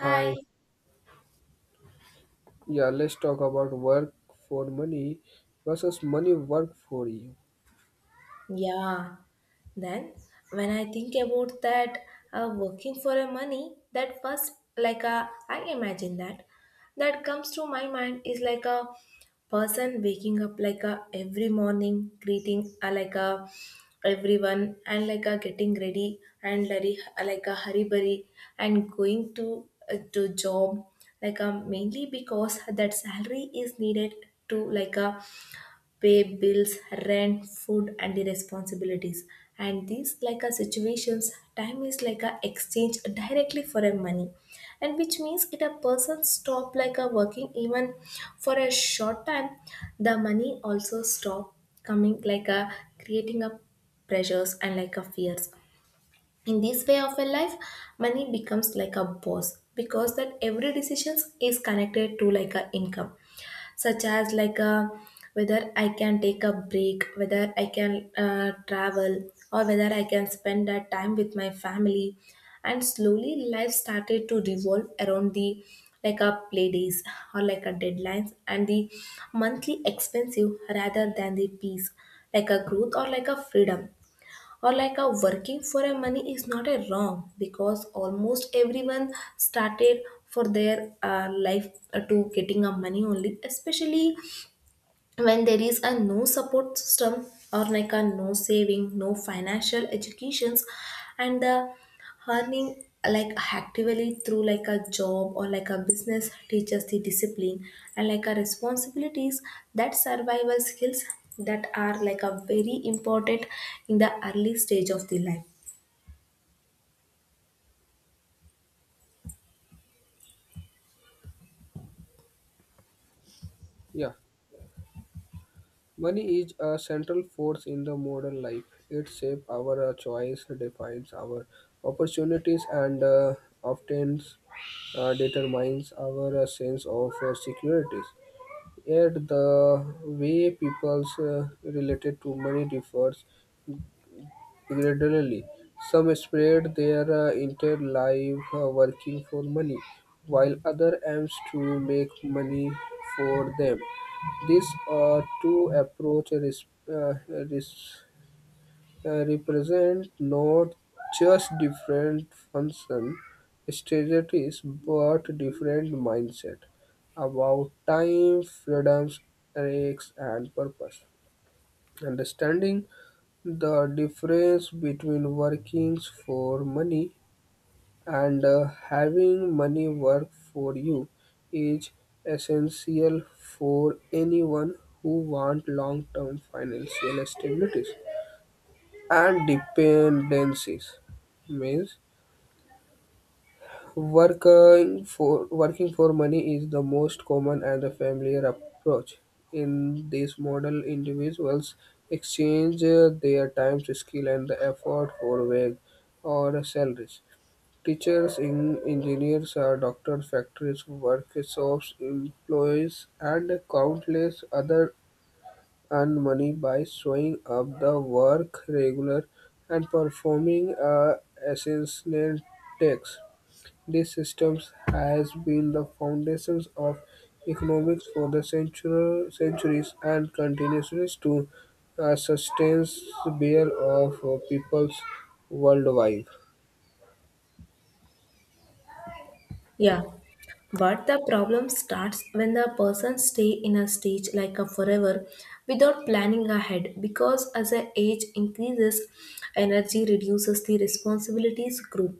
Hi, yeah, let's talk about work for money versus money work for you. Yeah. Then when I think about that working for a money, that first like a I imagine that comes to my mind is like a person waking up like a every morning greeting like a everyone and like a getting ready and like a hurry burry and going to job like a mainly because that salary is needed to like a pay bills, rent, food, and the responsibilities. And these like a situations, time is like a exchange directly for a money, and which means if a person stop like a working even for a short time, the money also stop coming like a creating a pressures and like a fears. In this way of a life, money becomes like a boss because that every decision is connected to like a income such as whether I can take a break, whether I can travel, or whether I can spend that time with my family. And slowly, life started to revolve around the like a play days or like a deadlines and the monthly expensive rather than the peace, like a growth or like a freedom or like a working for a money is not a wrong because almost everyone started for their life to getting a money only, especially when there is a no support system or like a no saving no financial educations and the earning like actively through like a job or like a business teaches the discipline and like a responsibilities that survival skills that are like a very important in the early stage of the life. Yeah, money is a central force in the modern life. It shapes our choice, defines our opportunities, and often determines our sense of securities. Yet the way people's related to money differs gradually. Some spread their entire life working for money, while other aims to make money for them. These two approaches represent not just different function strategies but different mindset about time, freedoms, risks, and purpose. Understanding the difference between working for money and having money work for you is essential for anyone who want long-term financial stability and dependencies means Working for money is the most common and the familiar approach. In this model, individuals exchange their time, skill, and effort for wage or salaries. Teachers, in, engineers, doctors, factories, workshops, employees, and countless other earn money by showing up the work regular and performing essential tasks. These systems has been the foundations of economics for the centuries and continues to sustain the bear of peoples worldwide. Yeah, but the problem starts when the person stay in a stage like a forever without planning ahead because as the age increases, energy reduces, the responsibilities grow,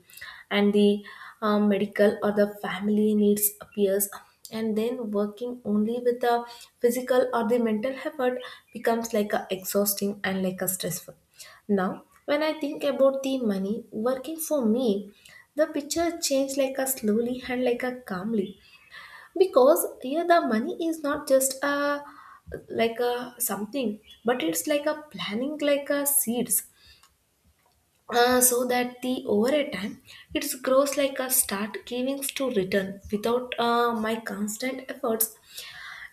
and the medical or the family needs appears, and then working only with the physical or the mental effort becomes like a exhausting and like a stressful. Now, when I think about the money working for me, the picture changed like a slowly and like a calmly because here the money is not just a something but it's like a planning like a seeds, so that the over a time it grows like a start giving to return without my constant efforts.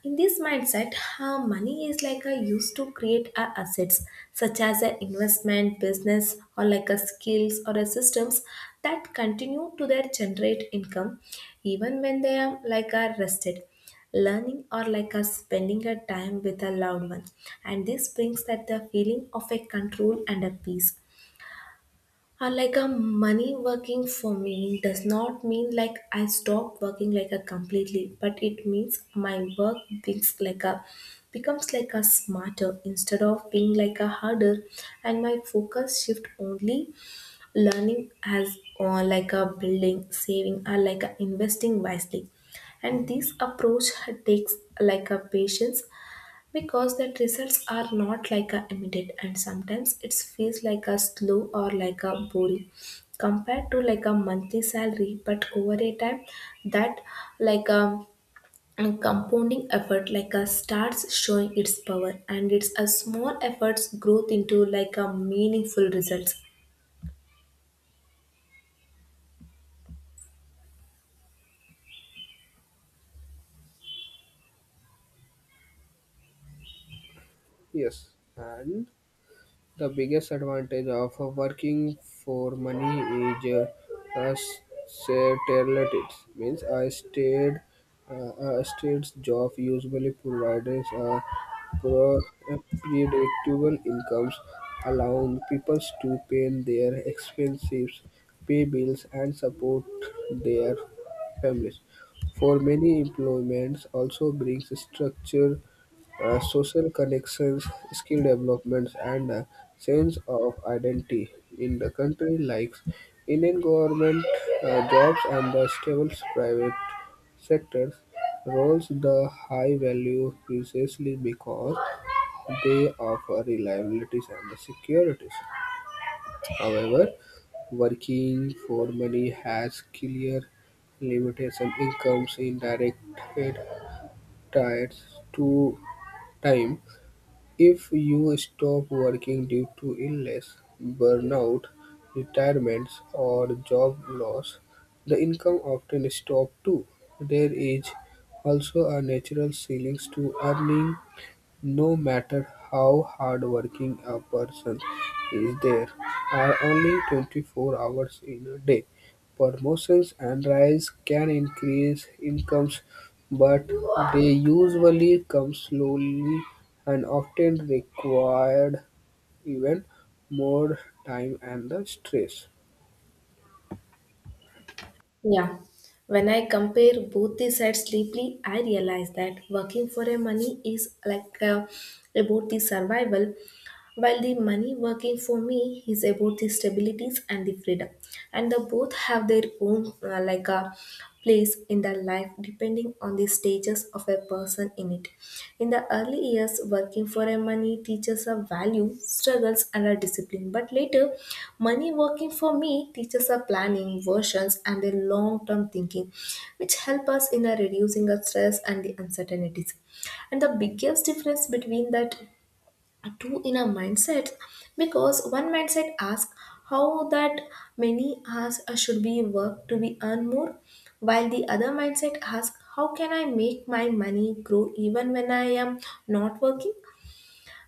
In this mindset, money is like a used to create a assets such as an investment, business, or like a skills or a systems that continue to their generate income even when they are like are rested learning or like a spending a time with a loved one, and this brings that the feeling of a control and a peace. Like a Money working for me does not mean like I stop working like a completely, but it means my work becomes like a becomes like a smarter instead of being like a harder, and my focus shift only learning as or like a building, saving or like a investing wisely, and this approach takes like a patience because that results are not like a immediate and sometimes it feels like a slow or like a boring compared to like a monthly salary, but over a time that like a compounding effort like a starts showing its power and it's a small efforts growth into like a meaningful results. Yes, and the biggest advantage of working for money is uh, uh, stability. Means a state uh, a state's job usually provides pro- uh, predictable incomes, allowing people to pay their expenses, pay bills, and support their families. For many employments also brings structure, social connections, skill developments, and a sense of identity in the country like Indian government jobs and the stable private sectors roles the high value precisely because they offer reliabilities and securities. However, working for money has clear limitation incomes in direct tied to time if you stop working due to illness, burnout, retirements, or job loss, the income often stops too. There is also a natural ceiling to earning no matter how hardworking a person is there are only 24 hours in a day. Promotions and rise can increase incomes, but they usually come slowly and often required even more time and the stress. Yeah. When I compare both these sides deeply, I realize that working for a money is about the survival, while the money working for me is about the stabilities and the freedom, and the both have their own like a place in the life depending on the stages of a person in it. In the early years, working for a money teaches a value, struggles, and a discipline. But later, money working for me teaches a planning, versions, and a long-term thinking, which help us in a reducing our stress and the uncertainties. And the biggest difference between that two in a mindset because one mindset asks how that many hours should be worked to be earn more, while the other mindset asks how can I make my money grow even when I am not working.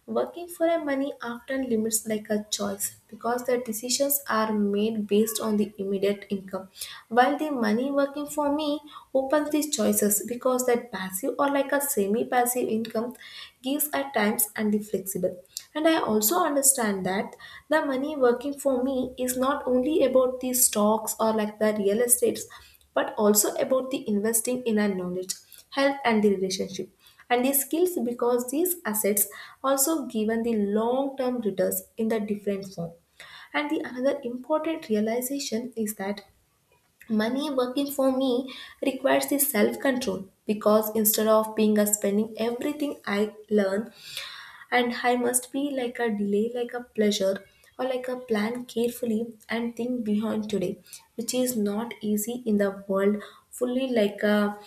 Working for a money often limits like a choice because the decisions are made based on the immediate income. While the money working for me opens these choices because that passive or like a semi-passive income gives at times and the flexible. And I also understand that the money working for me is not only about the stocks or like the real estates, but also about the investing in our knowledge, health and the relationship and these skills because these assets also given the long term returns in the different form. And the another important realization is that money working for me requires the self control because instead of being a spending everything I learn, and I must be like a delay like a pleasure or like a plan carefully and think beyond today, which is not easy in the world fully like a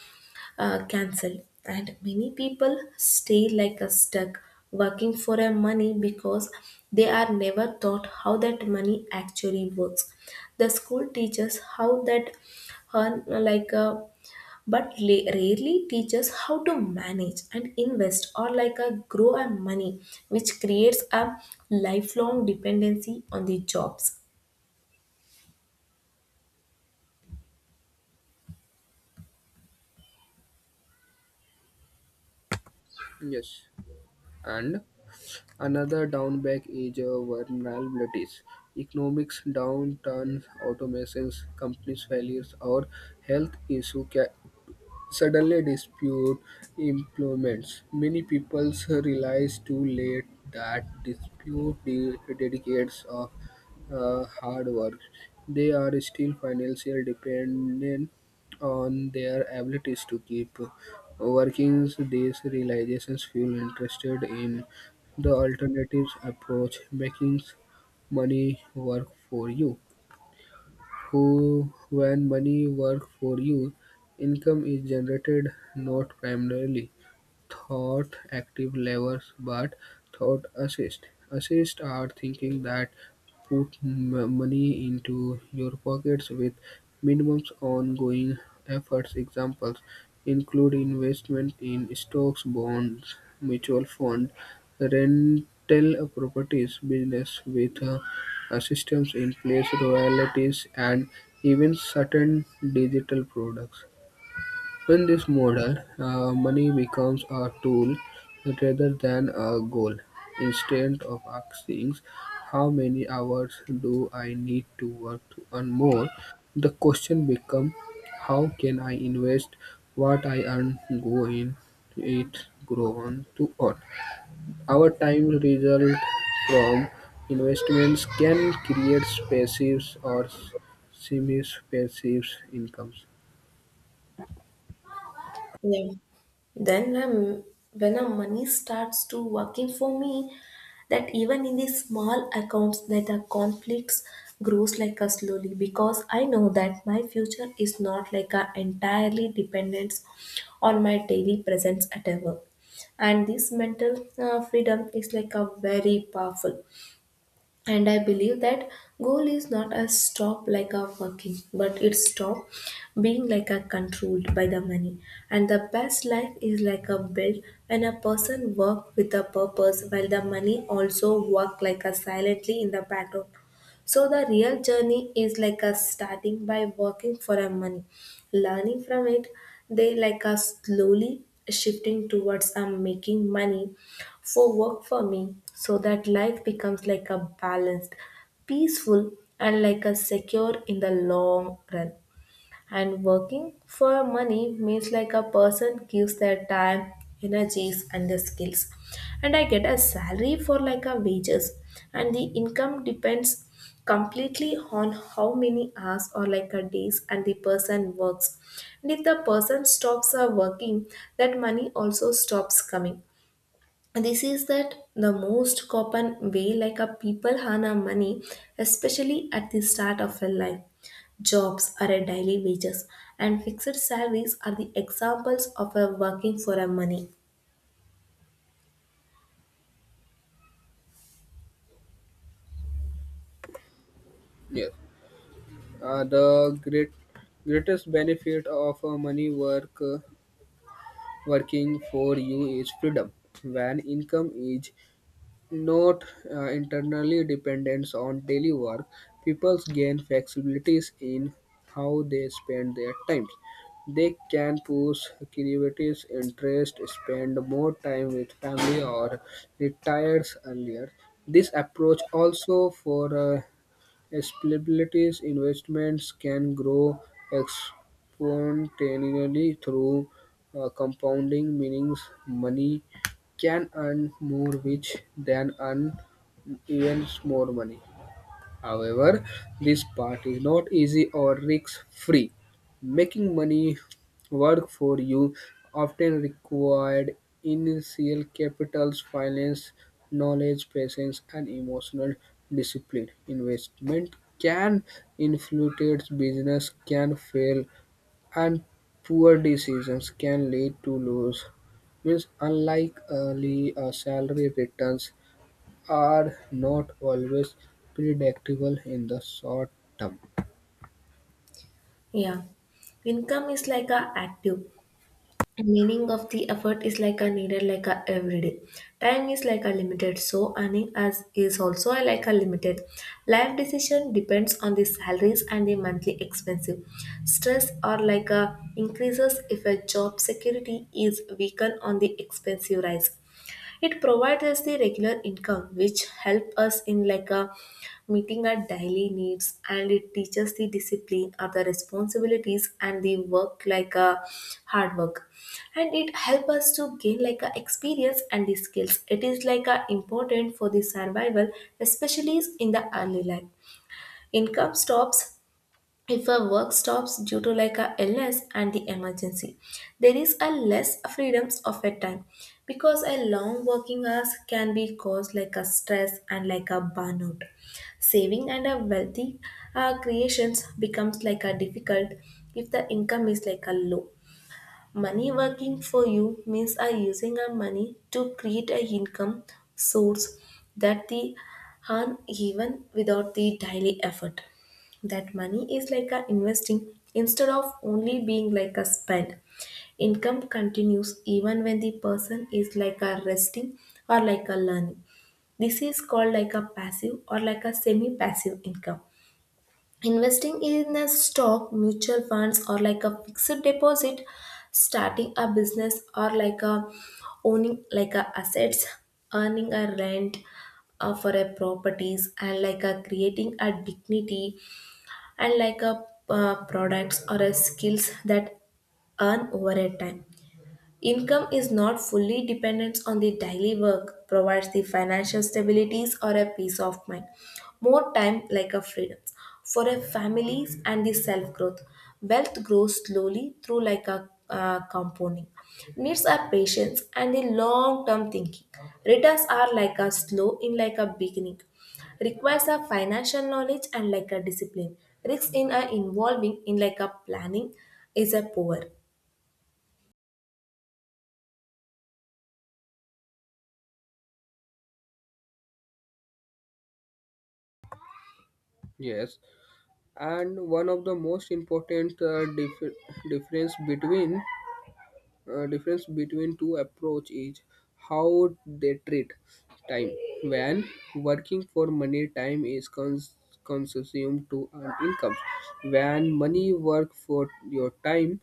cancelled. And many people stay like a stuck working for a money because they are never taught how that money actually works. The school teaches how that earn like a but rarely teaches how to manage and invest or like a grow a money, which creates a lifelong dependency on the jobs. Yes, and another drawback is vulnerabilities. Economics downturns, automations, companies failures, or health issues suddenly dispute implements. Many people realize too late that dispute dedicates of hard work. They are still financially dependent on their abilities to keep working. These realizations feel interested in the alternatives approach, making money work for you who when money work for you, income is generated not primarily thought active levers but thought assist. Assist are thinking that put money into your pockets with minimum ongoing efforts. Examples include investment in stocks, bonds, mutual fund, rental properties, business with systems in place, royalties, and even certain digital products. In this model, money becomes a tool rather than a goal. Instead of asking, how many hours do I need to work to earn more, the question becomes, how can I invest what I earn, go in it, grow on to earn. Our time result from investments can create passive or semi-passive incomes. Yeah. Then when a money starts to working for me, that even in the small accounts that the conflicts grows like a slowly because I know that my future is not like a entirely dependence on my daily presence at a work. And this mental freedom is like a very powerful, and I believe that goal is not a stop like a working but it's stop being like a controlled by the money, and the best life is like a build when a person work with a purpose while the money also work like a silently in the background. So the real journey is like a starting by working for a money, learning from it. They like a slowly shifting towards a making money for work for me so that life becomes like a balanced, peaceful, and like a secure in the long run. And working for money means like a person gives their time, energies, and the skills. And I get a salary for like a wages, and the income depends completely on how many hours or like a days and the person works, and if the person stops working that money also stops coming. This is that the most common way like a people earn our money, especially at the start of a life. Jobs are a daily wages and fixed salaries are the examples of a working for a money. Yeah. The greatest benefit of a money work working for you is freedom. When income is not internally dependent on daily work, people gain flexibilities in how they spend their time. They can push creativity, interest, spend more time with family, or retires earlier. This approach also for liabilities investments can grow exponentially through compounding, meaning money can earn more, which then earns even more money. However, this part is not easy or risk-free. Making money work for you often required initial capitals, finance, knowledge, patience, and emotional discipline. Investment can influence business can fail, and poor decisions can lead to loss means unlike early salary returns are not always predictable in the short term. Yeah, income is like a active. The meaning of the effort is like a needed, like a everyday. Time is like a limited, so earning as is also a limited. Life decision depends on the salaries and the monthly expenses. Stress or like a increases if a job security is weakened on the expensive rise. It provides us the regular income which help us in like a meeting our daily needs, and it teaches the discipline of the responsibilities and the work like a hard work, and it help us to gain like a experience and the skills. It is like a important for the survival especially in the early life. Income stops if a work stops due to like a illness and the emergency. There is a less freedoms of a time because a long working hours can be caused like a stress and like a burnout. Saving and a wealthy creations becomes like a difficult if the income is like a low. Money working for you means are using our money to create a income source that the earn even without the daily effort. That money is like a investing instead of only being like a spend. Income continues even when the person is like a resting or like a learning. This is called like a passive or like a semi passive income. Investing in a stock, mutual funds, or like a fixed deposit, starting a business, or like a owning like a assets, earning a rent for a properties, and like a creating a dignity, and like a products or a skills that earn over a time. Income is not fully dependent on the daily work, provides the financial stabilities or a peace of mind. More time like a freedom for a families and the self-growth. Wealth grows slowly through like a compounding. Needs are patience and the long-term thinking. Returns are like a slow in like a beginning. Requires a financial knowledge and like a discipline. Risks in a involving in like a planning is a poor. Yes, and one of the most important difference between difference between two approach is how they treat time. When working for money, time is consumed to earn income. When money work for your time,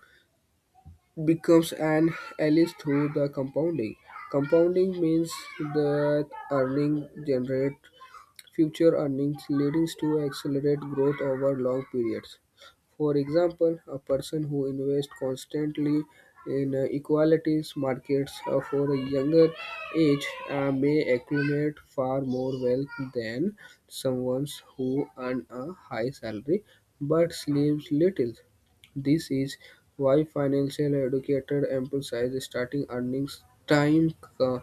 becomes an allies through the compounding. Compounding means that earnings generate future earnings, leading to accelerate growth over long periods. For example, a person who invests constantly in equalities markets for a younger age may accumulate far more wealth than someone who earns a high salary but sleeps little. This is why financial educator emphasize starting earnings time, uh,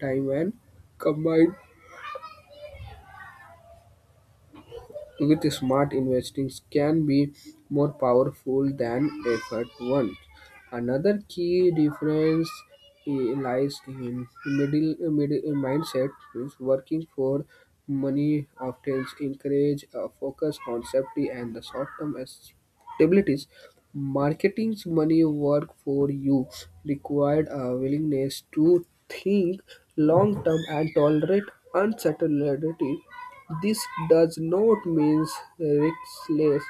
time and combined with smart investments can be more powerful than effort ones. Another key difference lies in middle mindset means working for money often encourage a focus on safety and the short-term stabilities. Marketing's money work for you required a willingness to think long term and tolerate uncertainty this does not mean riskless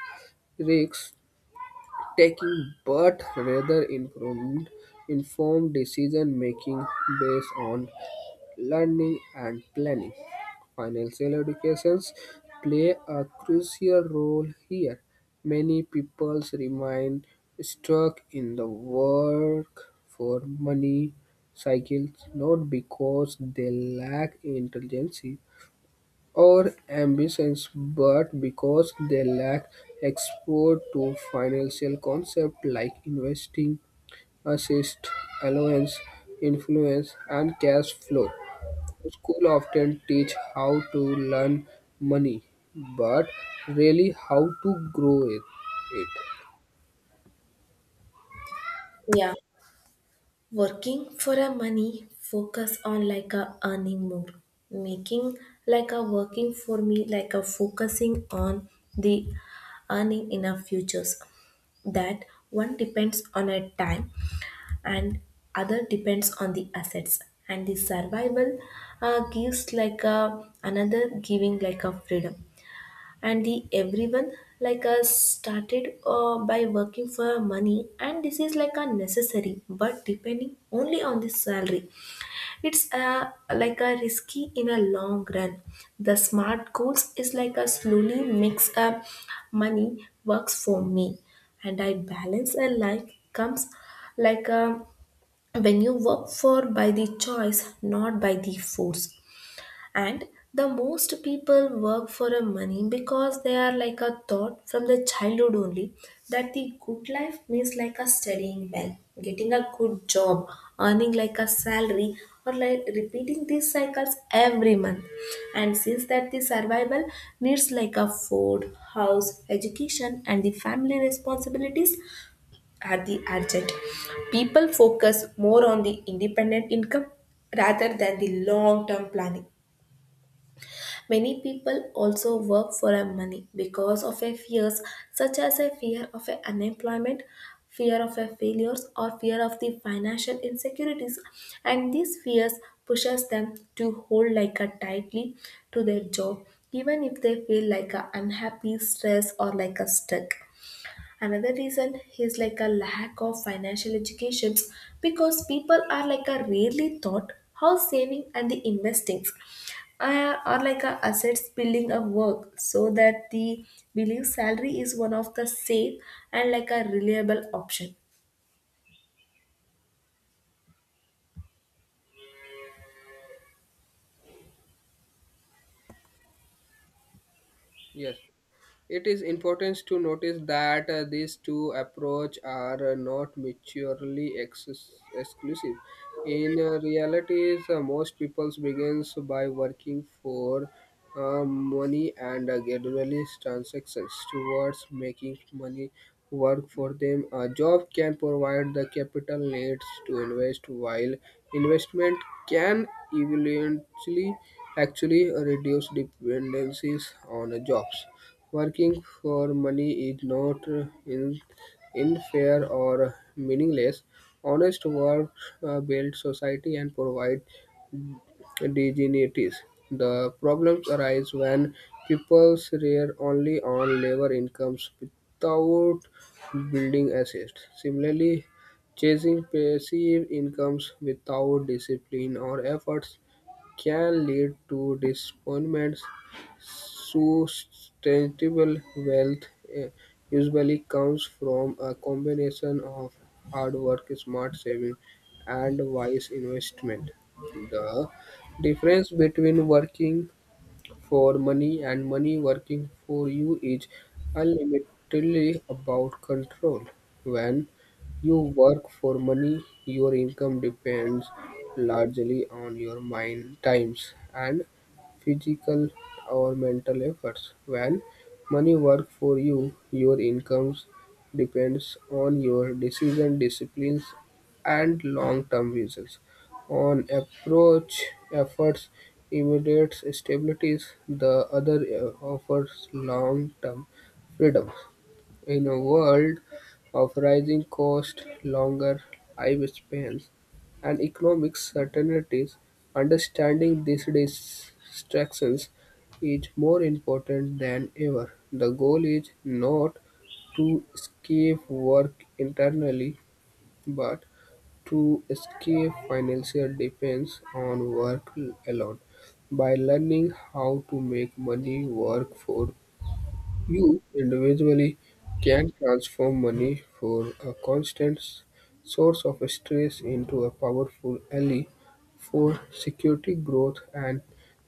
risk-taking, but rather informed decision-making based on learning and planning. Financial educations play a crucial role here. Many people remain stuck in the work for money cycles not because they lack intelligence or ambitions, but because they lack exposure to financial concepts like investing, assist, allowance, influence, and cash flow. School often teach how to learn money, but really how to grow it. Yeah. Working for a money focus on like a earning more. Making like a working for me like a focusing on the earning in our futures. That one depends on a time and other depends on the assets and the survival gives like a another giving like a freedom, and the everyone like us started by working for money, and this is like a necessary, but depending only on the salary it's like a risky in a long run. The smart goals is like a slowly mix up money works for me and I balance a life comes like a when you work for by the choice not by the force. And the most people work for a money because they are like a thought from the childhood only that the good life means like a studying well, getting a good job, earning like a salary, or like repeating these cycles every month. And since that the survival needs like a food, house, education, and the family responsibilities are the urgent, people focus more on the independent income rather than the long term planning. Many people also work for a money because of a fears, such as a fear of a unemployment, fear of a failures, or fear of the financial insecurities, and these fears pushes them to hold like a tightly to their job even if they feel like a unhappy, stressed, or like a stuck. Another reason is like a lack of financial educations, because people are like a rarely taught how saving and the investings are like a assets building a work, so that the billing salary is one of the safe and like a reliable option. Yes. It is important to notice that these two approaches are not mutually exclusive. In reality, most people begins by working for money and gradually transactions towards making money work for them. A job can provide the capital needs to invest, while investment can eventually actually reduce dependencies on jobs. Working for money is not in unfair or meaningless. Honest work builds society and provides dignities. The problems arise when people rely only on labor incomes without building assets. Similarly, chasing passive incomes without discipline or efforts can lead to disappointments sustainable wealth eh, usually comes from a combination of hard work, smart saving, and wise investment. The difference between working for money and money working for you is ultimately about control. When you work for money, your income depends largely on your mind, times, and physical or mental efforts. When money works for you, your incomes depends on your decision, disciplines, and long-term visions. On approach efforts immediate stabilities. The other offers long-term freedom. In a world of rising costs, longer lifespans, and economic certainties, understanding these distractions is more important than ever. The goal is not to escape work internally, but to escape financial dependence on work alone. By learning how to make money work for you individually can transform money for a constant source of stress into a powerful ally for security growth and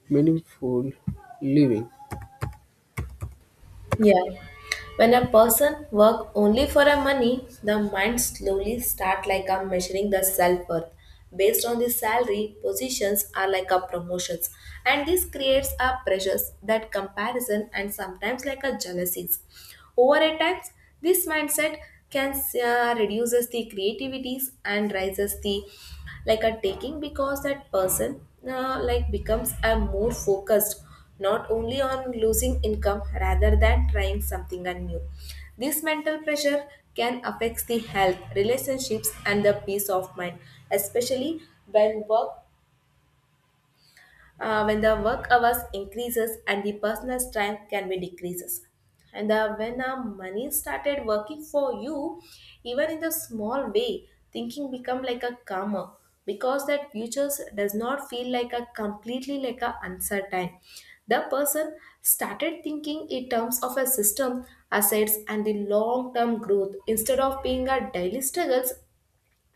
meaningful living. Yeah. When a person work only for a money, the mind slowly start like a measuring the self-worth based on the salary, positions are like a promotions. And this creates a pressures that comparison and sometimes like a jealousies. Over a time, this mindset can reduces the creativities and raises the like a taking, because that person like becomes a more focused not only on losing income rather than trying something and new. This mental pressure can affect the health, relationships, and the peace of mind, especially when work when the work hours increases and the personal strength can be decreases. And when money started working for you, even in the small way thinking become like a calmer, because that futures does not feel like a completely like a uncertain. The person started thinking in terms of a system, assets, and the long term growth instead of being a daily struggles.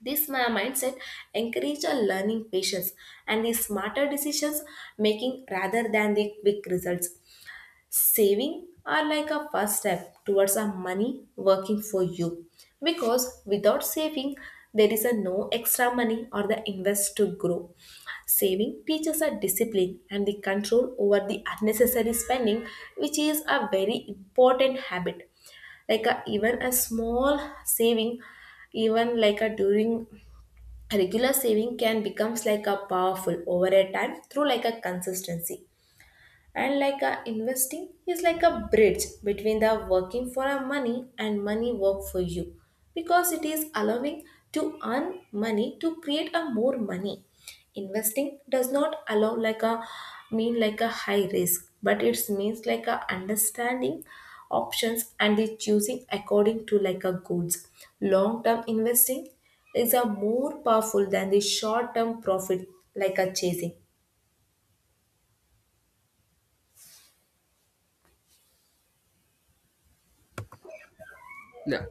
This my mindset encouraged a learning, patience, and the smarter decisions making rather than the quick results. Saving are like a first step towards a money working for you, because without saving there is a no extra money or the invest to grow. Saving teaches a discipline and the control over the unnecessary spending, which is a very important habit like a, even a small saving, even like a during regular saving can becomes like a powerful over a time through like a consistency. And like a investing is like a bridge between the working for a money and money work for you, because it is allowing to earn money to create a more money. Investing does not allow like a mean like a high risk, but it means like a understanding options and the choosing according to like a goods. Long term investing is a more powerful than the short term profit like a chasing. Yeah.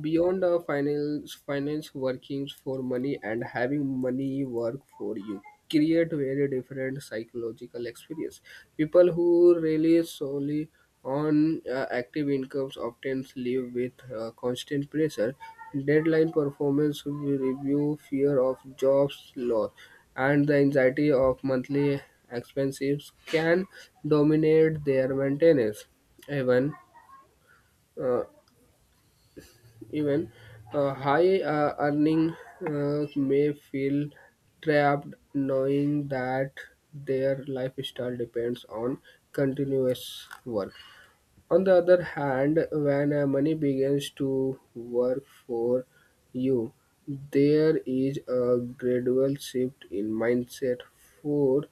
Beyond finance workings for money and having money work for you create very different psychological experience. People who rely solely on active incomes often live with constant pressure, deadline, performance review, fear of jobs loss, and the anxiety of monthly expenses can dominate their maintenance. Even uh, even high earning may feel trapped knowing that their lifestyle depends on continuous work. On the other hand, when money begins to work for you, there is a gradual shift in mindset for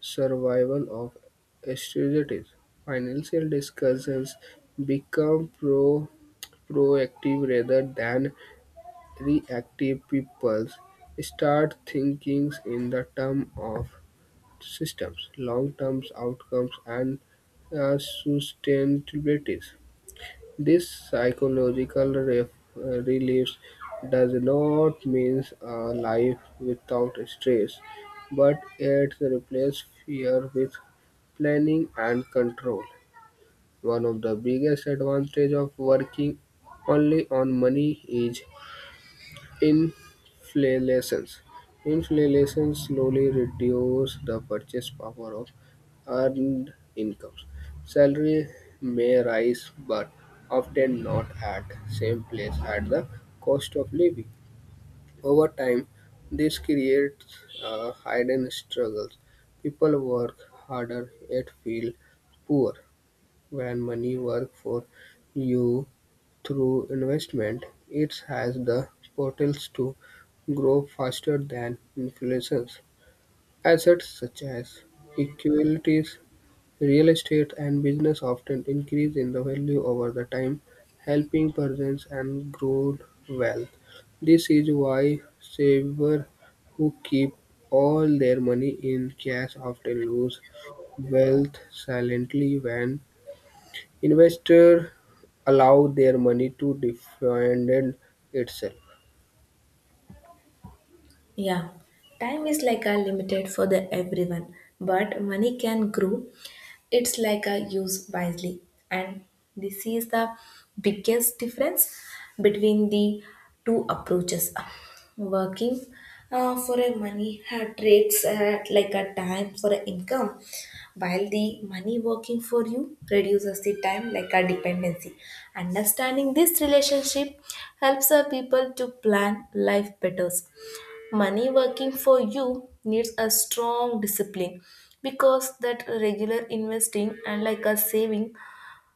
survival of strategies. Financial discussions become proactive rather than reactive. People start thinking in the term of systems, long-term outcomes, and uh, sustainabilities. This psychological release does not mean a life without stress, but it replaces fear with planning and control. One of the biggest advantages of working only on money is inflations. Inflation slowly reduces the purchase power of earned incomes. Salary may rise, but often not at same place at the cost of living. Over time, this creates hidden struggles. People work harder yet feel poor. When money works for you through investment, it has the potential to grow faster than inflation. Assets such as equities, real estate, and business often increase in the value over the time, helping persons and grow wealth. This is why savers who keep all their money in cash often lose wealth silently when investors allow their money to defend itself. Yeah, time is like a limited for the everyone, but money can grow. It's like a use wisely, and this is the biggest difference between the two approaches. Working for a money trades like a time for a income, while the money working for you reduces the time like a dependency. Understanding this relationship helps our people to plan life better. Money working for you needs a strong discipline, because that regular investing and like a saving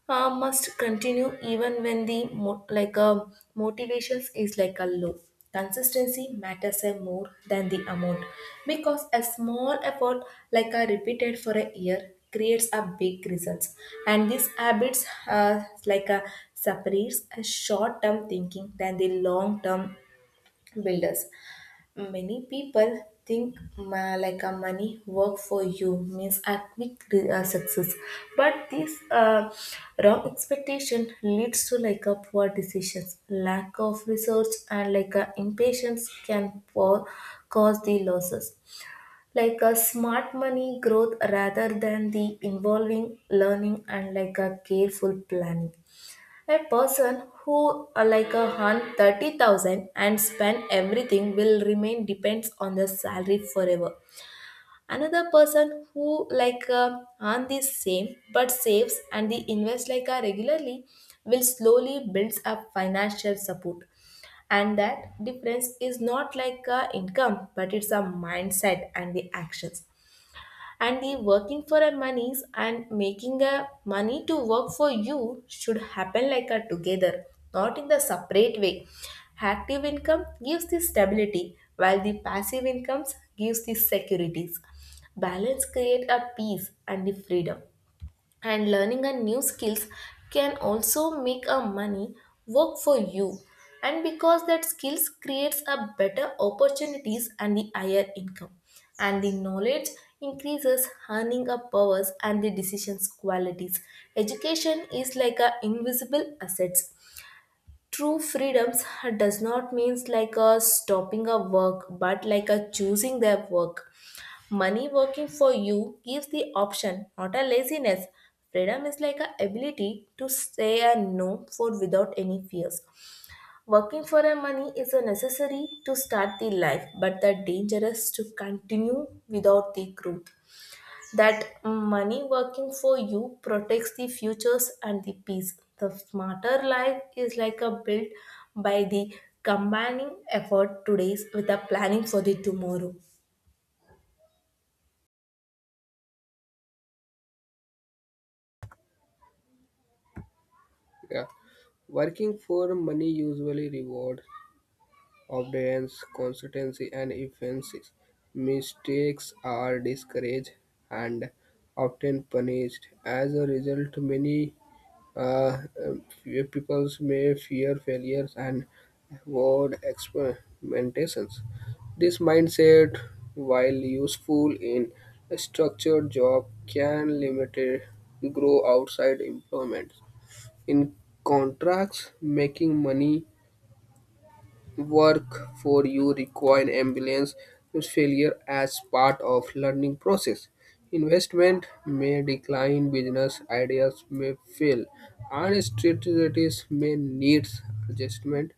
must continue even when the like a motivations is like a low. Consistency matters a more than the amount, because a small effort like a repeated for a year creates a big results. And these habits like a separates a short term thinking than the long term builders. Many people think like a money work for you means a quick success, but this wrong expectation leads to like a poor decisions, lack of research, and like a impatience can cause the losses. Like a smart money growth rather than the involving learning and like a careful planning. A person who like a hunt 30,000 and spend everything will remain depends on the salary forever. Another person who like earn the same but saves and the invest like a regularly will slowly builds up financial support. And that difference is not like a income, but it's a mindset and the actions. And the working for a monies and making a money to work for you should happen like a together, not in the separate way. Active income gives the stability, while the passive incomes gives the securities. Balance create a peace and the freedom. And learning a new skills can also make a money work for you, and because that skills creates a better opportunities and the higher income. And the knowledge increases earning a powers and the decisions qualities. Education is like a invisible assets. True freedoms does not means like a stopping a work, but like a choosing their work. Money working for you gives the option, not a laziness. Freedom is like a ability to say a no for without any fears. Working for a money is a necessary to start the life, but the dangerous to continue without the growth. That money working for you protects the futures and the peace. The smarter life is like a built by the combining effort today's with a planning for the tomorrow. Yeah. Working for money usually rewards obedience, consistency, and efficiency. Mistakes are discouraged and often punished. As a result, many uh, people may fear failures and avoid experimentations. This mindset, while useful in a structured job, can limit grow outside employment. In contracts, making money work for you require ambulance with failure as part of learning process. Investment may decline, business ideas may fail, and strategies may need adjustment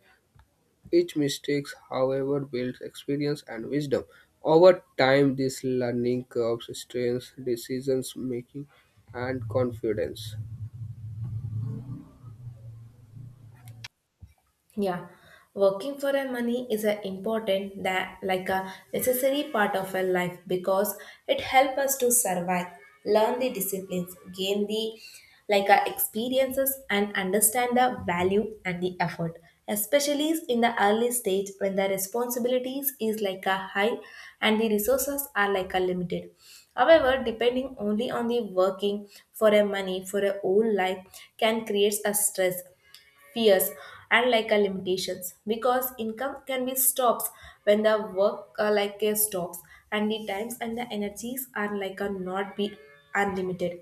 each mistake, however, builds experience and wisdom. Over time, these learning curves strengthen decision making and confidence. Yeah, working for a money is an important that like a necessary part of our life, because it helps us to survive, learn the disciplines, gain the like our experiences, and understand the value and the effort. Especially in the early stage when the responsibilities is like a high and the resources are like a limited. However, depending only on the working for a money for a whole life can create a stress, fears, and like a limitations, because income can be stops when the work like a stops, and the times and the energies are like a not be unlimited.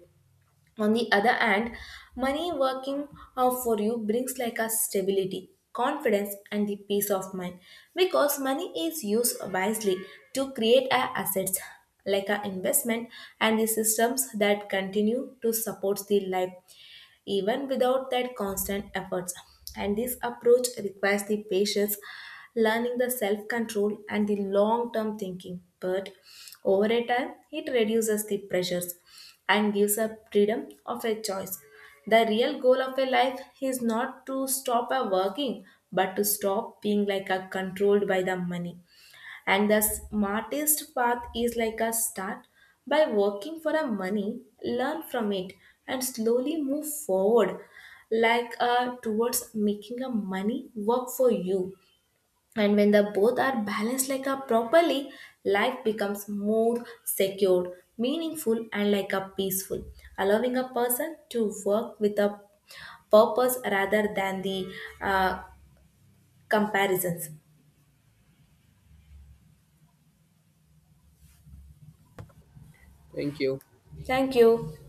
On the other hand, money working for you brings like a stability, confidence, and the peace of mind, because money is used wisely to create a assets like an investment and the systems that continue to support the life even without that constant efforts. And this approach requires the patience, learning the self control, and the long term thinking. But over a time, it reduces the pressures and gives a freedom of a choice. The real goal of a life is not to stop a working, but to stop being like a controlled by the money. And the smartest path is like a start by working for a money, learn from it, and slowly move forward, like towards making a money work for you. And when the both are balanced like a properly, life becomes more secured, meaningful, and like a peaceful, allowing a person to work with a purpose rather than the uh, comparisons. Thank you. Thank you.